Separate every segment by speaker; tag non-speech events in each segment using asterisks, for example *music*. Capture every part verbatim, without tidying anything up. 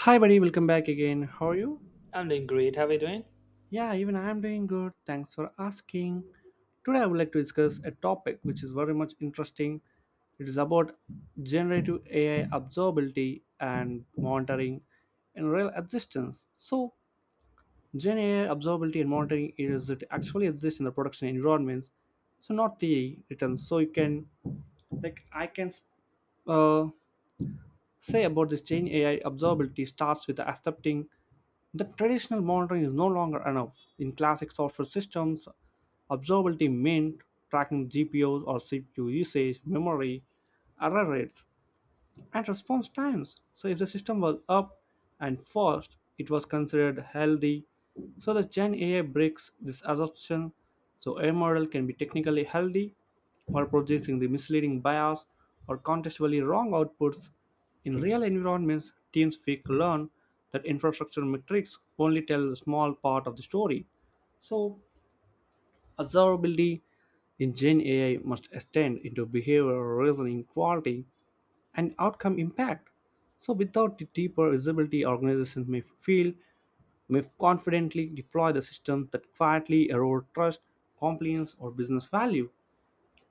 Speaker 1: Hi, buddy, welcome back again. How are you?
Speaker 2: I'm doing great. How are you doing?
Speaker 1: Yeah, even I'm doing good. Thanks for asking. Today, I would like to discuss a topic which is very much interesting. It is about generative A I observability and monitoring in real existence. So, Gen A I observability and monitoring, is it actually exists in the production environments, so not theory written. So you can like I can uh, say about this Gen A I observability starts with accepting the traditional monitoring is no longer enough. In classic software systems, observability meant tracking G P Us or C P U usage, memory, error rates, and response times. So if the system was up and fast, it was considered healthy. So the Gen A I breaks this assumption. So a model can be technically healthy while producing the misleading bias or contextually wrong outputs. In real environments, teams quickly learn that infrastructure metrics only tell a small part of the story. So observability in Gen A I must extend into behavioral reasoning quality and outcome impact. So without the deeper visibility, organizations may feel may confidently deploy the system that quietly erode trust, compliance, or business value.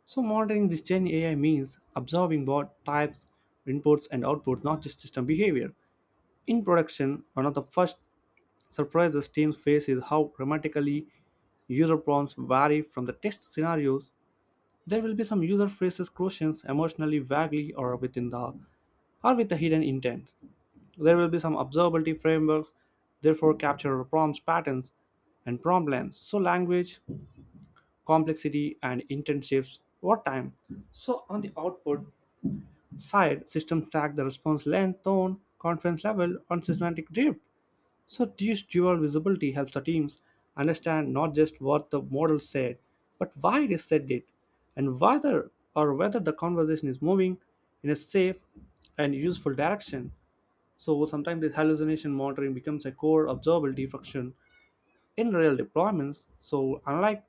Speaker 1: So monitoring this Gen A I means observing what types, inputs, and outputs, not just system behavior. In production, one of the first surprises teams face is how dramatically user prompts vary from the test scenarios. There will be some user phrases, questions, emotionally vaguely, or within the or with a hidden intent. There will be some observability frameworks, therefore, capture prompts patterns and prompt lengths. So, language, complexity, and intent shifts over time. So, on the output side, systems track the response length, tone, confidence level, and semantic drift. So, this dual visibility helps the teams understand not just what the model said, but why it said it, and whether or whether the conversation is moving in a safe and useful direction. So sometimes this hallucination monitoring becomes a core observability function in real deployments. So unlike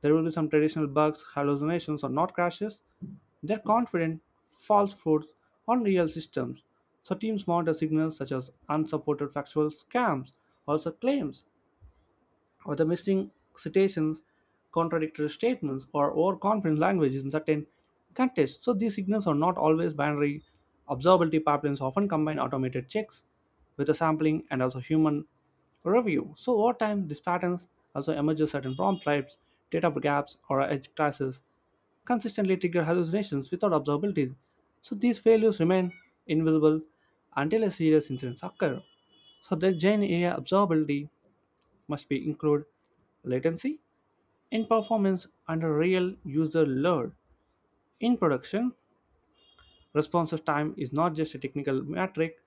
Speaker 1: there will be some traditional bugs, hallucinations, or not crashes, they're confident false fruits on real systems. So teams monitor signals such as unsupported factual scams, also claims, or the missing citations, contradictory statements, or overconfident language in certain contexts. So these signals are not always binary. Observability pipelines often combine automated checks with a sampling and also human review. So over time, these patterns also emerge as certain prompt types, data gaps, or edge classes consistently trigger hallucinations without observability. So these failures remain invisible until a serious incidents occur. So the Gen A I observability must be include latency in performance under real user load. In production, response time is not just a technical metric,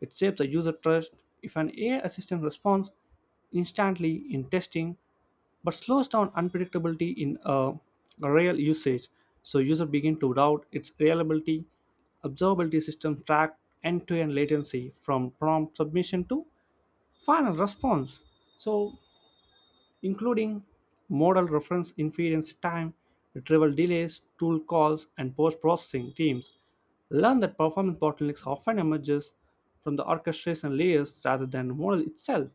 Speaker 1: it shapes the user trust. If an A I assistant responds instantly in testing but slows down unpredictability in a a real usage, so users begin to doubt its reliability. Observability systems track end-to-end latency from prompt submission to final response. So including model reference inference time, retrieval delays, tool calls, and post-processing teams learn that performance bottlenecks often emerges from the orchestration layers rather than the model itself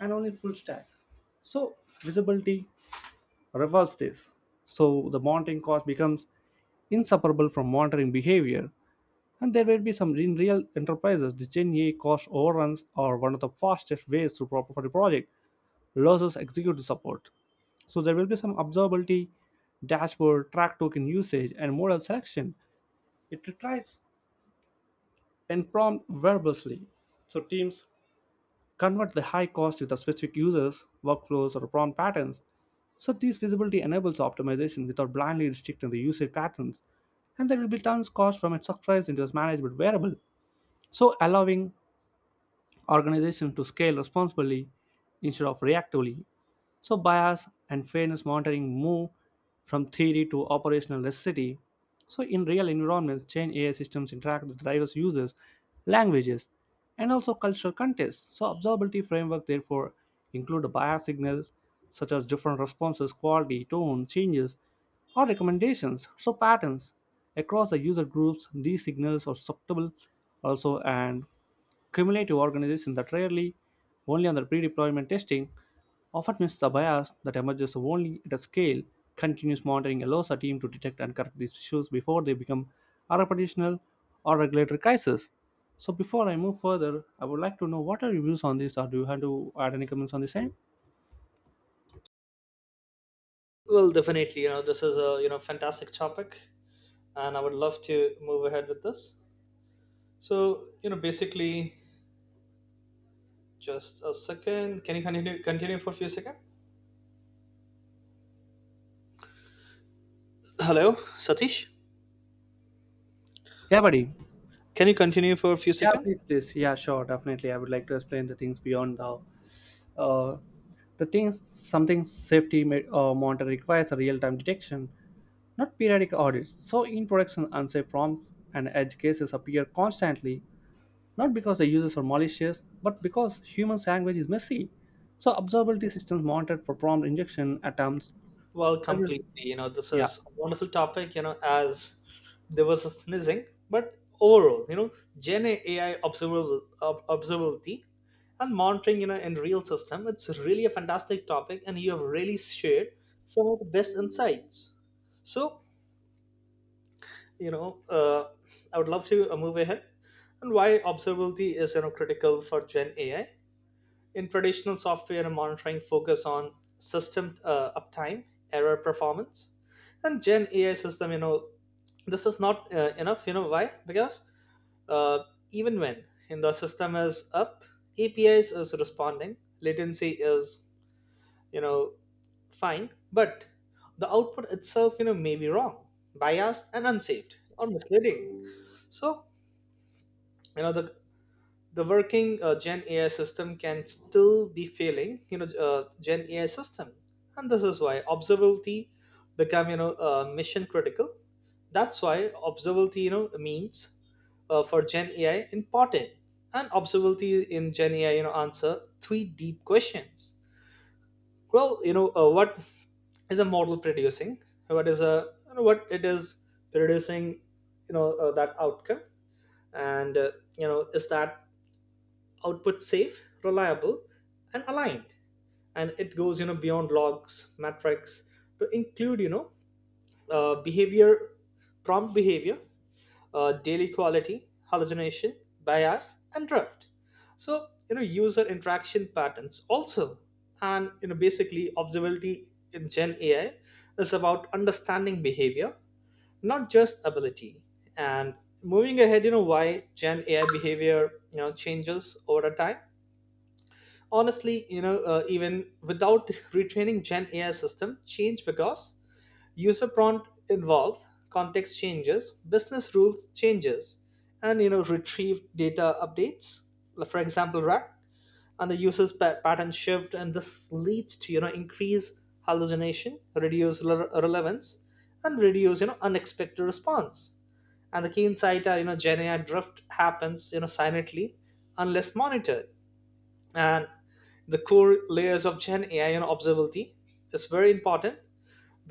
Speaker 1: and only full stack. So visibility reverses this. So the monitoring cost becomes inseparable from monitoring behavior. And there will be some in real enterprises, the Gen A I cost overruns are one of the fastest ways to pro- for the project loses executive support. So there will be some observability, dashboard, track token usage, and model selection. It retrieves and prompt verbosely. So teams convert the high cost with the specific users, workflows, or prompt patterns. So this visibility enables optimization without blindly restricting the usage patterns. And there will be tons cost from a surprise into a management variable. So allowing organizations to scale responsibly instead of reactively. So, bias and fairness monitoring move from theory to operational necessity. So, in real environments, change A I systems interact with diverse users, languages, and also cultural contexts. So, observability framework therefore include bias signals such as different responses, quality, tone, changes, or recommendations, so patterns across the user groups. These signals are susceptible also and cumulative organizations that rarely only on their pre-deployment testing often miss the bias that emerges only at a scale. Continuous monitoring allows a team to detect and correct these issues before they become a reputational or regulatory crisis. So, before I move further, I would like to know what are your views on this, or do you have to add any comments on the same?
Speaker 2: Well, definitely. You know, this is a you know fantastic topic, and I would love to move ahead with this. So, you know, basically, just a second. Can you continue continue for a few seconds? Hello, Satish.
Speaker 1: Yeah, buddy.
Speaker 2: Can you continue for a few
Speaker 1: Yeah,
Speaker 2: seconds?
Speaker 1: please, please. Yeah, sure, definitely. I would like to explain the things beyond the uh, the things. Something safety ma- uh, monitor requires a real time detection, not periodic audits, so in production unsafe prompts and edge cases appear constantly, not because the users are malicious, but because human language is messy. So observability systems monitored for prompt injection attempts.
Speaker 2: Well,
Speaker 1: That will-
Speaker 2: completely. You know, this
Speaker 1: Yeah,
Speaker 2: is a wonderful topic, you know, as there was a sneezing, but overall, you know, Gen A I observable, ob- observability and monitoring, you know, in real system, it's really a fantastic topic, and you have really shared some of the best insights. So, you know, uh, I would love to uh, move ahead and why observability is, you know, critical for Gen A I. In traditional software monitoring focus on system uh, uptime, error performance, and Gen A I system, you know, this is not uh, enough. You know why? Because uh, even when in the system is up, APIs is is responding, latency is you know fine, but the output itself, you know, may be wrong, biased, and unsaved or misleading. So you know the the working uh, Gen AI system can still be failing, you know uh, Gen AI system, and this is why observability become, you know uh, mission critical. That's why observability, you know means, uh, for Gen AI important. And observability in Gen AI, you know answer three deep questions. Well, you know uh, what is a model producing? what is a you know, what it is producing, you know uh, that outcome. And uh, you know is that output safe, reliable, and aligned? And it goes, you know, beyond logs, metrics to include, you know, uh, behavior, prompt behavior, uh, daily quality, hallucination, bias, and drift. So, you know, user interaction patterns also. And, you know, basically observability in Gen A I is about understanding behavior, not just ability. And moving ahead, you know, why Gen A I behavior, you know, changes over time. Honestly, you know uh, even without *laughs* retraining Gen AI system change because user prompt involve, context changes, business rules changes, and you know retrieved data updates. Like, for example, rack and the user's pa- pattern shift, and this leads to, you know increase hallucination, reduce rele- relevance, and reduce, you know unexpected response. And the key insight are, you know Gen AI drift happens, you know silently unless monitored. And the core layers of Gen AI, you know observability is very important,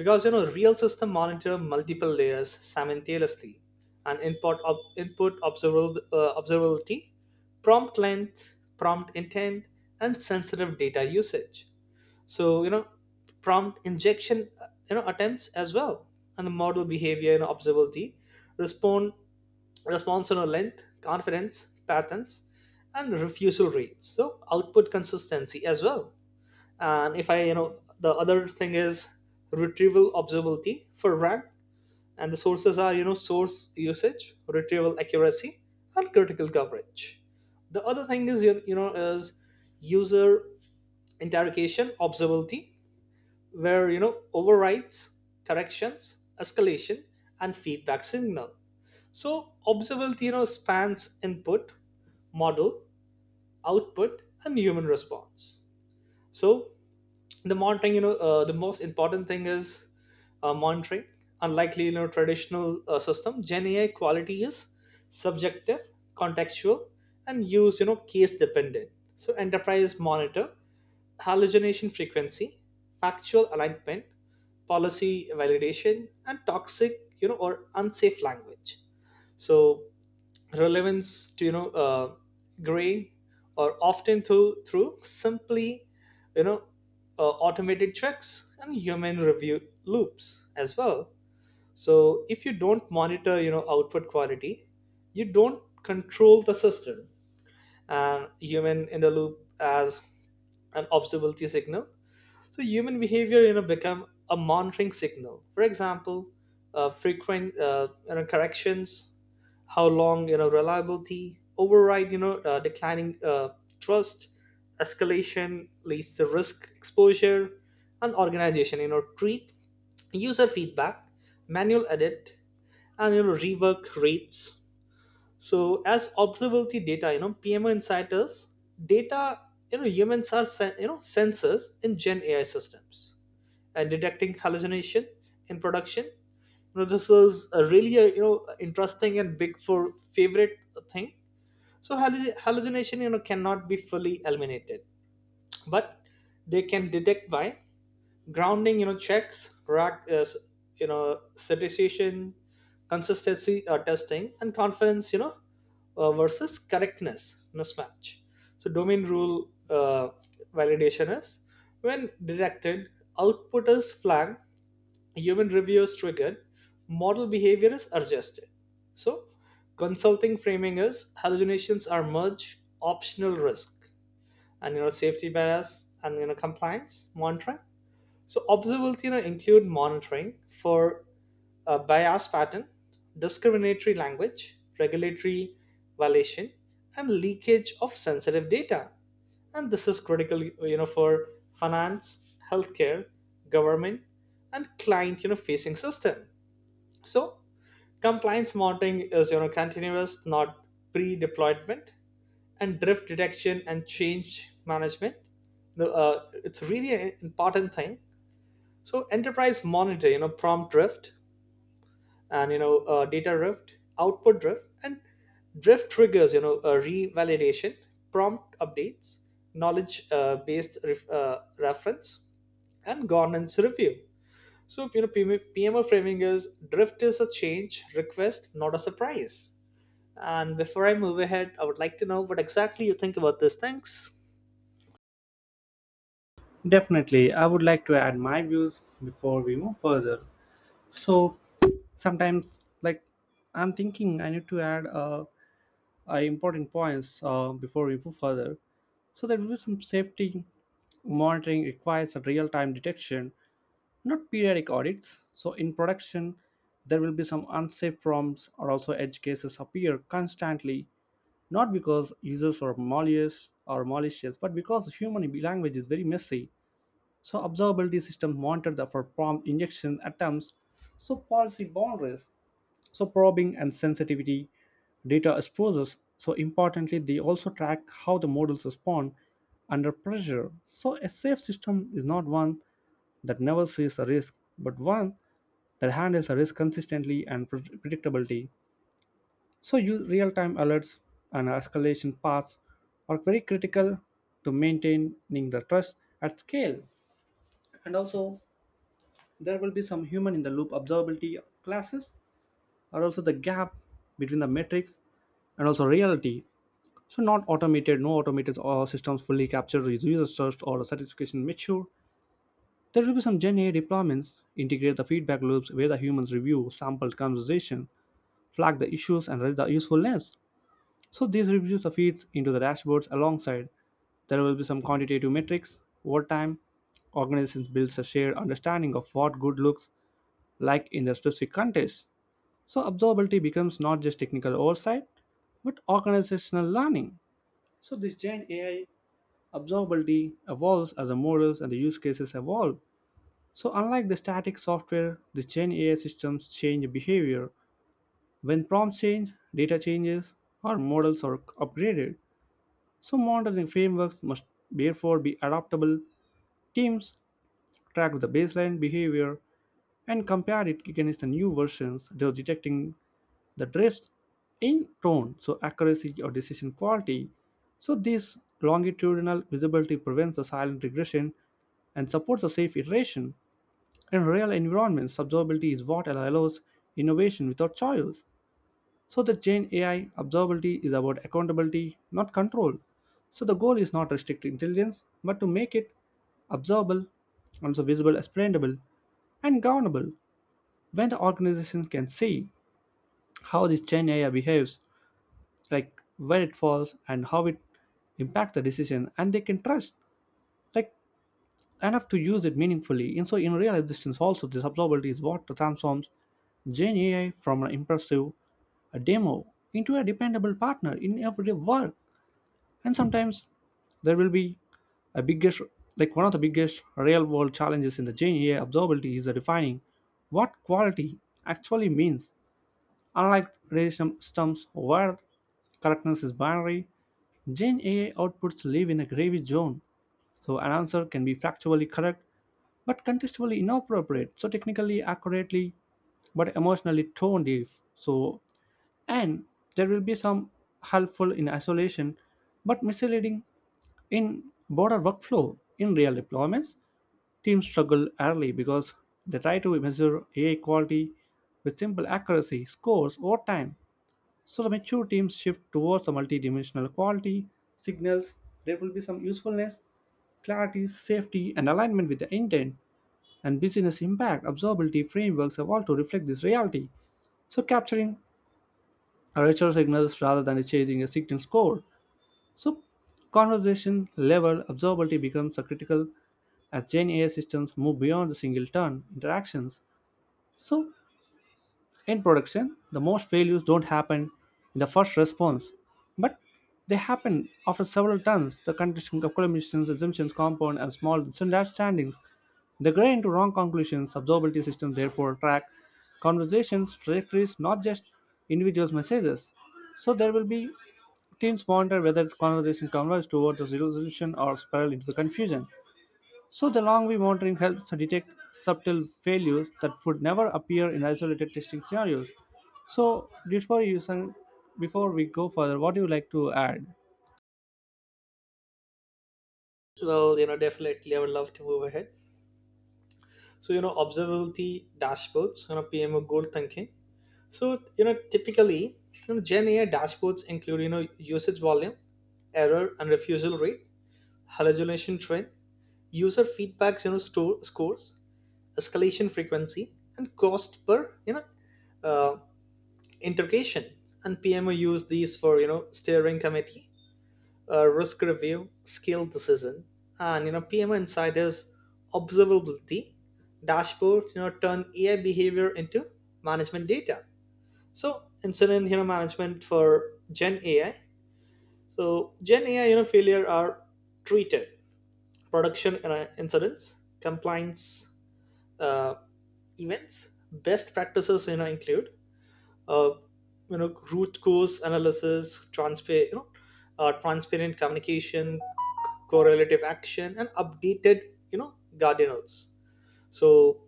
Speaker 2: because you know real system monitor multiple layers simultaneously. And input ob- input observable, uh, observability, prompt length, prompt intent, and sensitive data usage. So, you know prompt injection, uh, you know attempts as well. And the model behavior and observability, respond response length, confidence, patterns, and refusal rates. So output consistency as well. And if I, you know, the other thing is retrieval observability for rank, and the sources are, you know, source usage, retrieval accuracy, and critical coverage. The other thing is, you you know, is user interrogation observability, where you know overrides, corrections, escalation, and feedback signal. So, observable theory spans input, model, output, and human response. So, the monitoring, you know, uh, the most important thing is uh, monitoring. Unlikely, you know, traditional uh, system, Gen A I quality is subjective, contextual, and use, you know, case dependent. So, enterprise monitor, hallucination frequency, factual alignment, policy validation, and toxic, you know, or unsafe language. So relevance to, you know uh, gray or often through through simply, you know uh, automated checks and human review loops as well. So if you don't monitor, you know output quality, you don't control the system. And human in the loop as an observability signal. So human behavior, you know, become a monitoring signal. For example, uh, frequent, uh, you know, corrections, how long, you know, reliability, override, you know, uh, declining uh, trust, escalation leads to risk exposure, and organization, you know, treat user feedback, manual edit, and you know, rework rates. So as observability data, you know, P M O insiders data, you know, humans are sen- you know sensors in Gen A I systems, and detecting hallucination in production. You know, this is a really a, you know interesting and big for favorite thing. So hallu- hallucination, you know cannot be fully eliminated, but they can detect by grounding, you know checks, rack, uh, s- you know certification, consistency uh, testing, and confidence, you know uh, versus correctness mismatch. So domain rule uh, validation is, when detected, output is flagged, human review is triggered, model behavior is adjusted. So, consulting framing is hallucinations are merge optional risk. And, you know safety bias and, you know compliance monitoring. So observability, you know, include monitoring for uh, bias pattern, discriminatory language, regulatory violation, and leakage of sensitive data. And this is critical, you know, for finance, healthcare, government, and client, you know, facing system. So compliance monitoring is, you know, continuous, not pre-deployment. And drift detection and change management. The, uh, it's really an important thing. So enterprise monitor, you know, prompt drift and, you know uh, data drift, output drift, and drift triggers, you know, a revalidation, prompt updates, knowledge uh, based ref- uh, reference, and governance review. So you know, P M- P M O framing is drift is a change request, not a surprise. And before I move ahead, I would like to know what exactly you think about these things.
Speaker 1: definitely. I would like to add my views before we move further. So sometimes, like, I'm thinking I need to add uh, uh, important points uh, before we move further. So there will be some safety monitoring requires a real-time detection not periodic audits. So in production, there will be some unsafe prompts or also edge cases appear constantly, not because users are malicious or malicious, but because human language is very messy. So observability systems monitor the for prompt injection attempts, so policy boundaries so probing and sensitivity data is. So importantly, they also track how the models respond under pressure. So a safe system is not one that never sees a risk, but one that handles a risk consistently and pre- predictability. So use real-time alerts and escalation paths are very critical to maintaining the trust at scale. And also there will be some human in the loop observability classes or also the gap between the metrics and also reality. So not automated, no automated or systems fully capture user search or satisfaction mature. There will be some Gen A I deployments, integrate the feedback loops where the humans review sampled conversation, flag the issues and raise the usefulness. So these reviews the feeds into the dashboards alongside. There will be some quantitative metrics over time. Organizations builds a shared understanding of what good looks like in their specific context. So observability becomes not just technical oversight, but organizational learning. So this Gen A I observability evolves as the models and the use cases evolve. So unlike the static software, the Gen A I systems change behavior. When prompts change, data changes, or models are upgraded. So monitoring frameworks must therefore be adaptable. Teams track the baseline behavior and compare it against the new versions, thus detecting the drifts in tone, so accuracy or decision quality. So this longitudinal visibility prevents the silent regression and supports a safe iteration. In real environments, observability is what allows innovation without choice. So the Gen A I observability is about accountability, not control. So the goal is not restrict intelligence, but to make it observable, also visible, explainable, and governable. When the organization can see how this Gen A I behaves like where it falls and how it impacts the decision and they can trust like enough to use it meaningfully, and so in real existence also this observability is what transforms Gen AI from an impressive a demo into a dependable partner in everyday work. And sometimes there will be a biggest like one of the biggest real world challenges in the Gen AI observability is the defining what quality actually means. Unlike relational systems where correctness is binary, Gen A I outputs live in a gravy zone, so an answer can be factually correct but contextually inappropriate, so technically accurately but emotionally tone deaf. So, and there will be some helpful in isolation but misleading in broader workflow. In real deployments, teams struggle early because they try to measure A I quality with simple accuracy scores over time. So the mature teams shift towards the multidimensional quality, signals, there will be some usefulness, clarity, safety, and alignment with the intent, and business impact observability frameworks have all to reflect this reality. So capturing richer signals rather than chasing a signal score. So conversation level observability becomes a critical as Gen A I systems move beyond the single turn interactions. So in production, the most failures don't happen in the first response, but they happen after several turns. The contradiction of collisions, assumptions compound, and small misunderstandings. They gray into wrong conclusions. Observability systems therefore track conversations, trajectories, not just individuals' messages. So there will be teams ponder whether conversation converges toward the resolution or spiral into the confusion. So the long way monitoring helps to detect subtle failures that would never appear in isolated testing scenarios. So before you sen- before we go further, what do you like to add?
Speaker 2: Well, you know, definitely I would love to move ahead. So you know observability dashboards, you know PMO goal thinking. So you know typically, you know Gen AI dashboards include, you know usage volume, error and refusal rate, hallucination trend, user feedbacks, you know store scores, escalation frequency, and cost per, you know uh, integration. And PMO use these for, you know steering committee, uh, risk review, skill decision. And, you know P M O Insider's observability dashboard. You know turn A I behavior into management data. So incident, you know management for Gen A I. So Gen A I, you know failure are treated production uh, incidents, compliance uh, events. Best practices, you know include uh, you know root cause analysis, transfer you know uh, transparent communication, correlative action, and updated, you know guardian notes. So,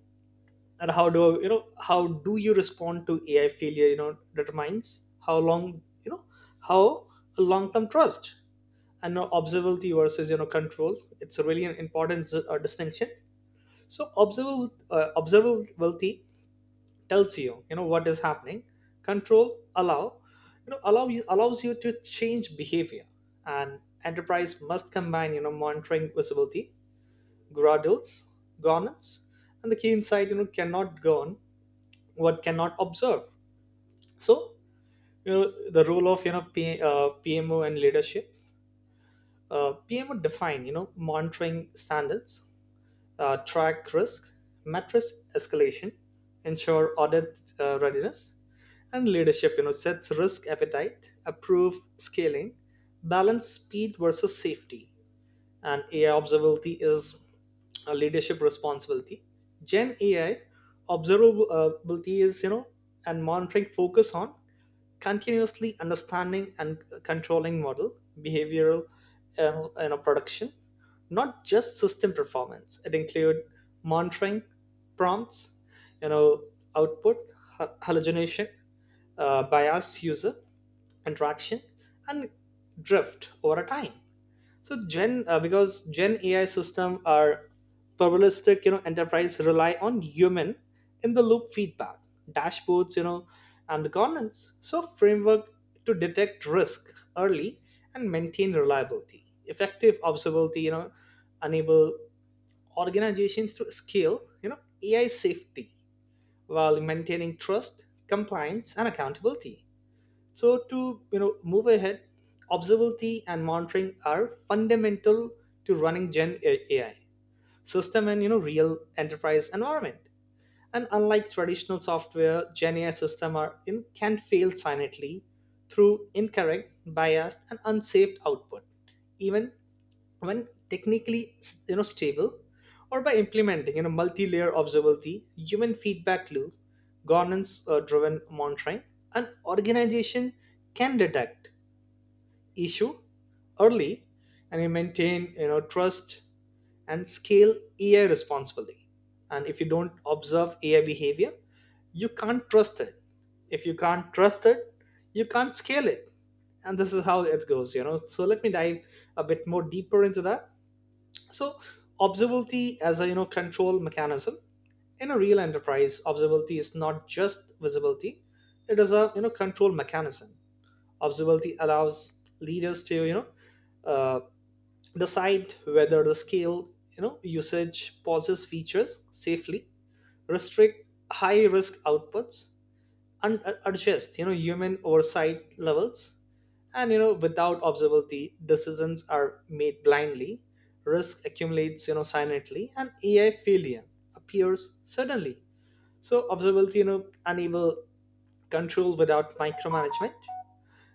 Speaker 2: and how do you know how do you respond to AI failure, you know determines how long, you know how long term trust. And now observability versus, you know control, it's a really an important uh, distinction. So observable uh, observability tells you, you know what is happening. Control allow, you know allow you allows you to change behavior. And enterprise must combine, you know monitoring visibility, Gradles, governance. And the keen side, you know, cannot govern what cannot observe. So, you know, the role of, you know P, uh, P M O and leadership. Uh, P M O define, you know monitoring standards, uh, track risk, matrix escalation, ensure audit uh, readiness. And leadership, You know, sets risk appetite, approve scaling, balance speed versus safety. And A I observability is a leadership responsibility. Gen A I observability is, you know and monitoring focus on continuously understanding and controlling model behavioral and, you know, production, not just system performance. It includes monitoring prompts, you know output, hallucination, uh, bias, user interaction, and drift over a time. So Gen uh, because Gen A I system are probabilistic, you know, enterprise rely on human in the loop feedback, dashboards, you know, and the governance. So framework to detect risk early and maintain reliability. Effective observability, you know, enable organizations to scale, you know, A I safety while maintaining trust, compliance, and accountability. So to, you know move ahead, observability and monitoring are fundamental to running Gen A I system and, you know real enterprise environment. And unlike traditional software, Gen A I system are in, can fail silently through incorrect, biased, and unsaved output. Even when technically, you know stable, or by implementing, you know multi-layer observability, human feedback loop, governance uh, driven monitoring, an organization can detect issue early and you maintain, you know trust and scale AI responsibly. And if you don't observe AI behavior, you can't trust it. If you can't trust it, you can't scale it. And this is how it goes, you know so let me dive a bit more deeper into that. So observability as a, you know control mechanism. In a real enterprise, observability is not just visibility; it is a, you know control mechanism. Observability allows leaders to, you know uh, decide whether the scale, you know usage pauses features safely, restrict high risk outputs, un- uh, adjust, you know human oversight levels. And, you know without observability, decisions are made blindly, risk accumulates, you know silently, and AI failure appears suddenly. So observability, you know enable control without micromanagement.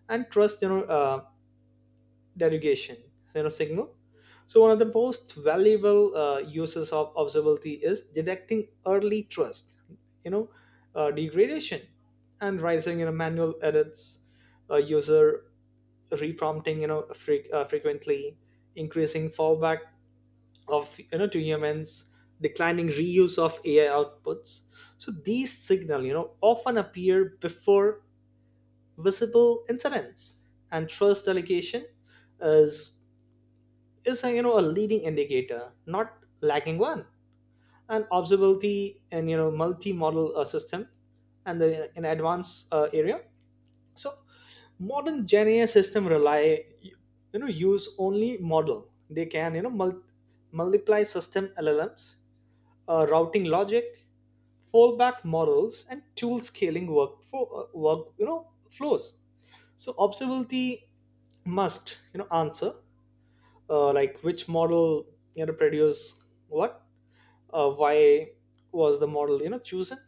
Speaker 2: And trust, you know uh, derogation, you know signal. So one of the most valuable uh, uses of observability is detecting early trust, you know uh, degradation, and rising, you know manual edits, uh, user reprompting, you know fre- uh, frequently increasing fallback of, you know to humans, declining reuse of AI outputs. So these signal, you know often appear before visible incidents. And trust delegation is is a, you know a leading indicator, not lacking one. And observability and, you know multi-model uh, system, and the in advanced uh, area. So modern Gen A I system rely, you know use only model. They can, you know mul- multiply system L L Ms, uh, routing logic, fallback models, and tool scaling work for, uh, work you know flows. So observability must, you know answer, uh, like which model, you know produce what, uh, why was the model, you know chosen,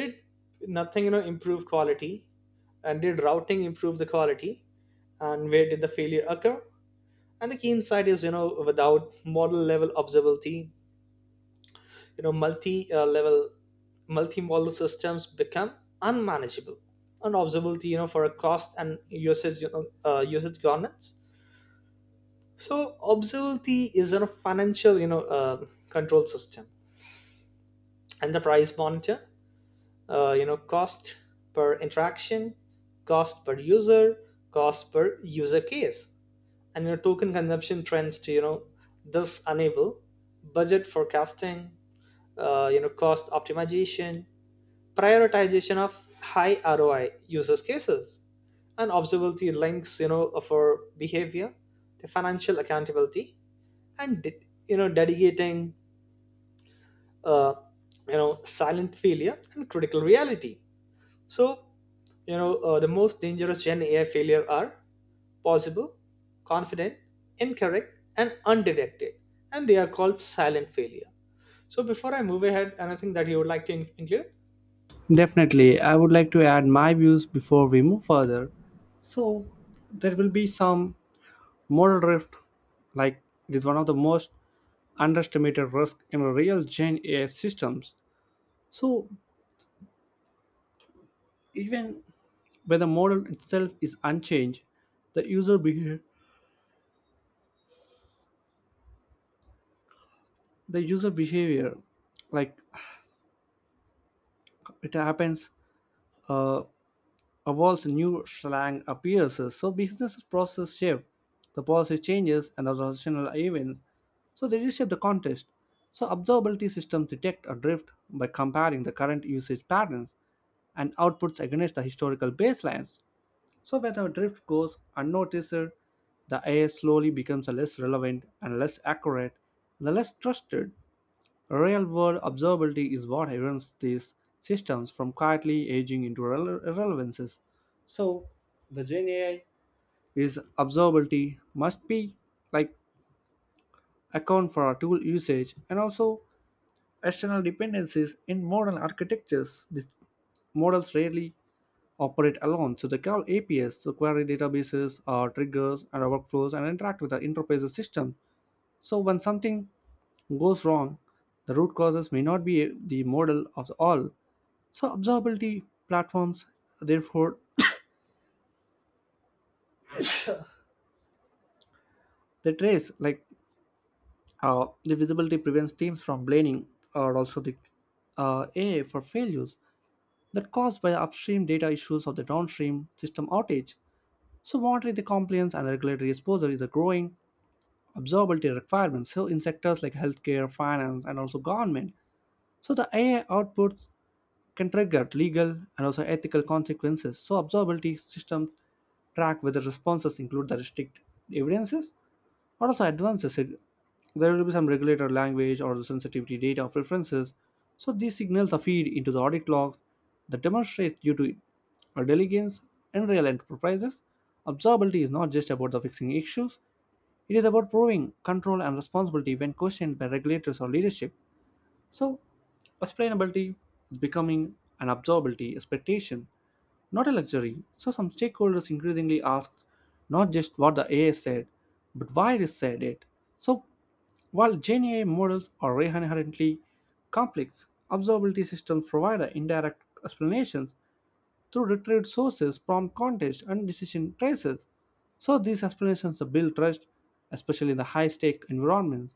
Speaker 2: did nothing, you know improve quality, and did routing improve the quality, and where did the failure occur. And the key insight is, you know without model level observability, you know multi uh, level multi-model systems become unmanageable. And observability, you know for a cost and usage, you know, uh, usage governance. So observability is a financial, you know uh, control system. And the price monitor, uh, you know cost per interaction, cost per user, cost per user case, and your token consumption trends to, you know thus enable budget forecasting, uh, you know cost optimization, prioritization of high R O I users cases. And observability links, you know for behavior the financial accountability and, you know dedicating uh, you know silent failure and critical reality. So, you know, uh, the most dangerous Gen A I failure are possible, confident, incorrect, and undetected, and they are called silent failure. So, before I move ahead, anything that you would like to in- include?
Speaker 1: Definitely, I would like to add my views before we move further. So there will be some moral drift, like it is one of the most underestimated risk in real Gen A I systems. So even when the model itself is unchanged, the user behavior the user behavior like it happens uh, evolves, new slang appears, so business process shift, the policy changes and organizational events, so they reshape the context. So observability systems detect a drift by comparing the current usage patterns and outputs against the historical baselines. So when the drift goes unnoticed, the ai slowly becomes less relevant and less accurate, the less trusted. Real world observability is what prevents these systems from quietly aging into irrele- irrelevances. So, the Gen A I is observability must be, like account for our tool usage and also external dependencies in modern architectures. These models rarely operate alone, so they call A P Is, so query databases, or triggers, and our workflows, and interact with the enterprise system. So, when something goes wrong, the root causes may not be the model of the all. So, observability platforms, therefore, they trace, like uh, the visibility prevents teams from blaming or also the uh, A I for failures that caused by the upstream data issues of the downstream system outage. So, monitoring the compliance and regulatory exposure is a growing observability requirement. So, in sectors like healthcare, finance, and also government, so the A I outputs can trigger legal and also ethical consequences. So observability systems track whether responses include the strict evidences or also advances. It- There will be some regulator language or the sensitivity data preferences. So these signals are feed into the audit logs that demonstrate due to our diligence in real enterprises. Observability is not just about the fixing issues, it is about proving control and responsibility when questioned by regulators or leadership. So, explainability is becoming an absorbability expectation, not a luxury. So, some stakeholders increasingly ask not just what the A I said, but why it said it. So, while Gen A I models are inherently complex, observability systems provide indirect explanations through retrieved sources, prompt context, and decision traces. So these explanations build trust, especially in the high-stake environments.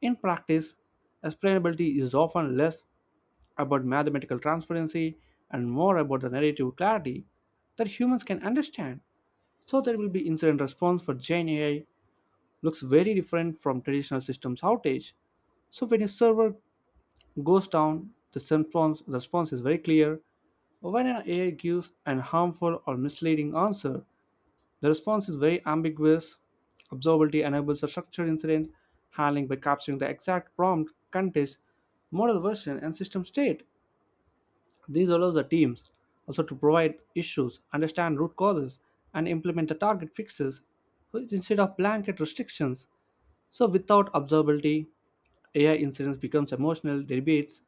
Speaker 1: In practice, explainability is often less about mathematical transparency and more about the narrative clarity that humans can understand. So there will be incident response for Gen A I looks very different from traditional systems outage. So when a server goes down, the response, response is very clear. When an A I gives an harmful or misleading answer, the response is very ambiguous. Observability enables a structured incident handling by capturing the exact prompt, context, model version, and system state. These allows the teams also to provide issues, understand root causes, and implement the target fixes instead of blanket restrictions. So without observability, A I incidents becomes emotional debates,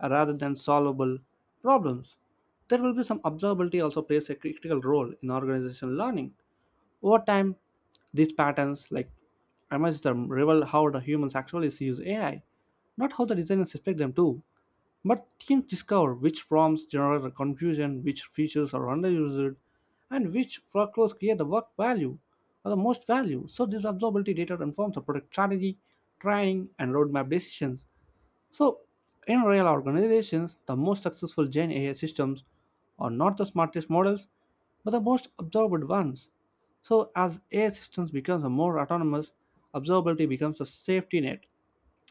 Speaker 1: uh, rather than solvable problems. There will be some observability also plays a critical role in organizational learning. Over time, these patterns like emerge them reveal how the humans actually use A I, not how the designers expect them to. But teams discover which prompts generate confusion, which features are underused, and which workflows create the work value or the most value. So this observability data informs the product strategy, training, and roadmap decisions. So, in real organizations, the most successful Gen A I systems are not the smartest models, but the most observable ones. So, as A I systems become more autonomous, observability becomes a safety net.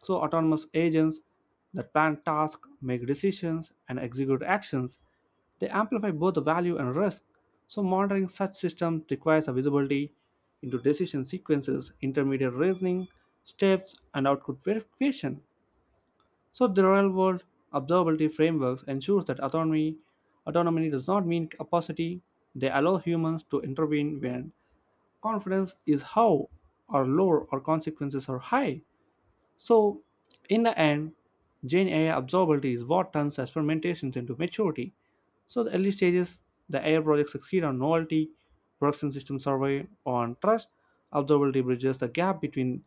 Speaker 1: So, autonomous agents that plan tasks, make decisions, and execute actions, they amplify both the value and risk. So, monitoring such systems requires a visibility into decision sequences, intermediate reasoning, steps, and output verification. So the real-world observability frameworks ensures that autonomy autonomy does not mean opacity. They allow humans to intervene when confidence is how or low, or consequences are high. So, in the end, Gen A I absorbability is what turns experimentations into maturity. So, the early stages, the A I projects succeed on novelty, production system survey on trust, observability bridges the gap between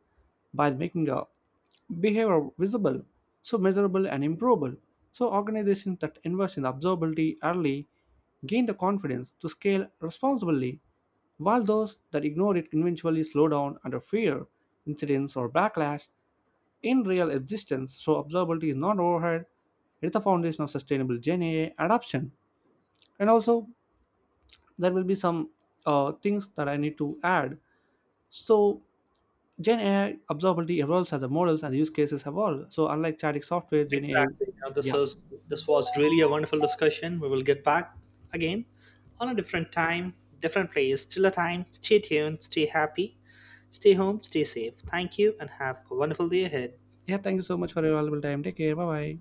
Speaker 1: by making a behavior visible, so measurable and improvable. So, organizations that invest in observability early gain the confidence to scale responsibly, while those that ignore it eventually slow down under fear, incidents, or backlash in real existence. So observability is not overhead; it's the foundation of sustainable Gen A I adoption. And also, there will be some uh, things that I need to add. So Gen A I observability evolves as the models and use cases evolve. So unlike static software, Gen A I,
Speaker 2: Exactly. Now, this
Speaker 1: yeah.
Speaker 2: is this was really a wonderful discussion. We will get back again on a different time, different place, still a time. Stay tuned, stay happy, stay home, stay safe. Thank you, and have a wonderful day ahead.
Speaker 1: yeah. Thank you so much for your valuable time. Take care. Bye bye.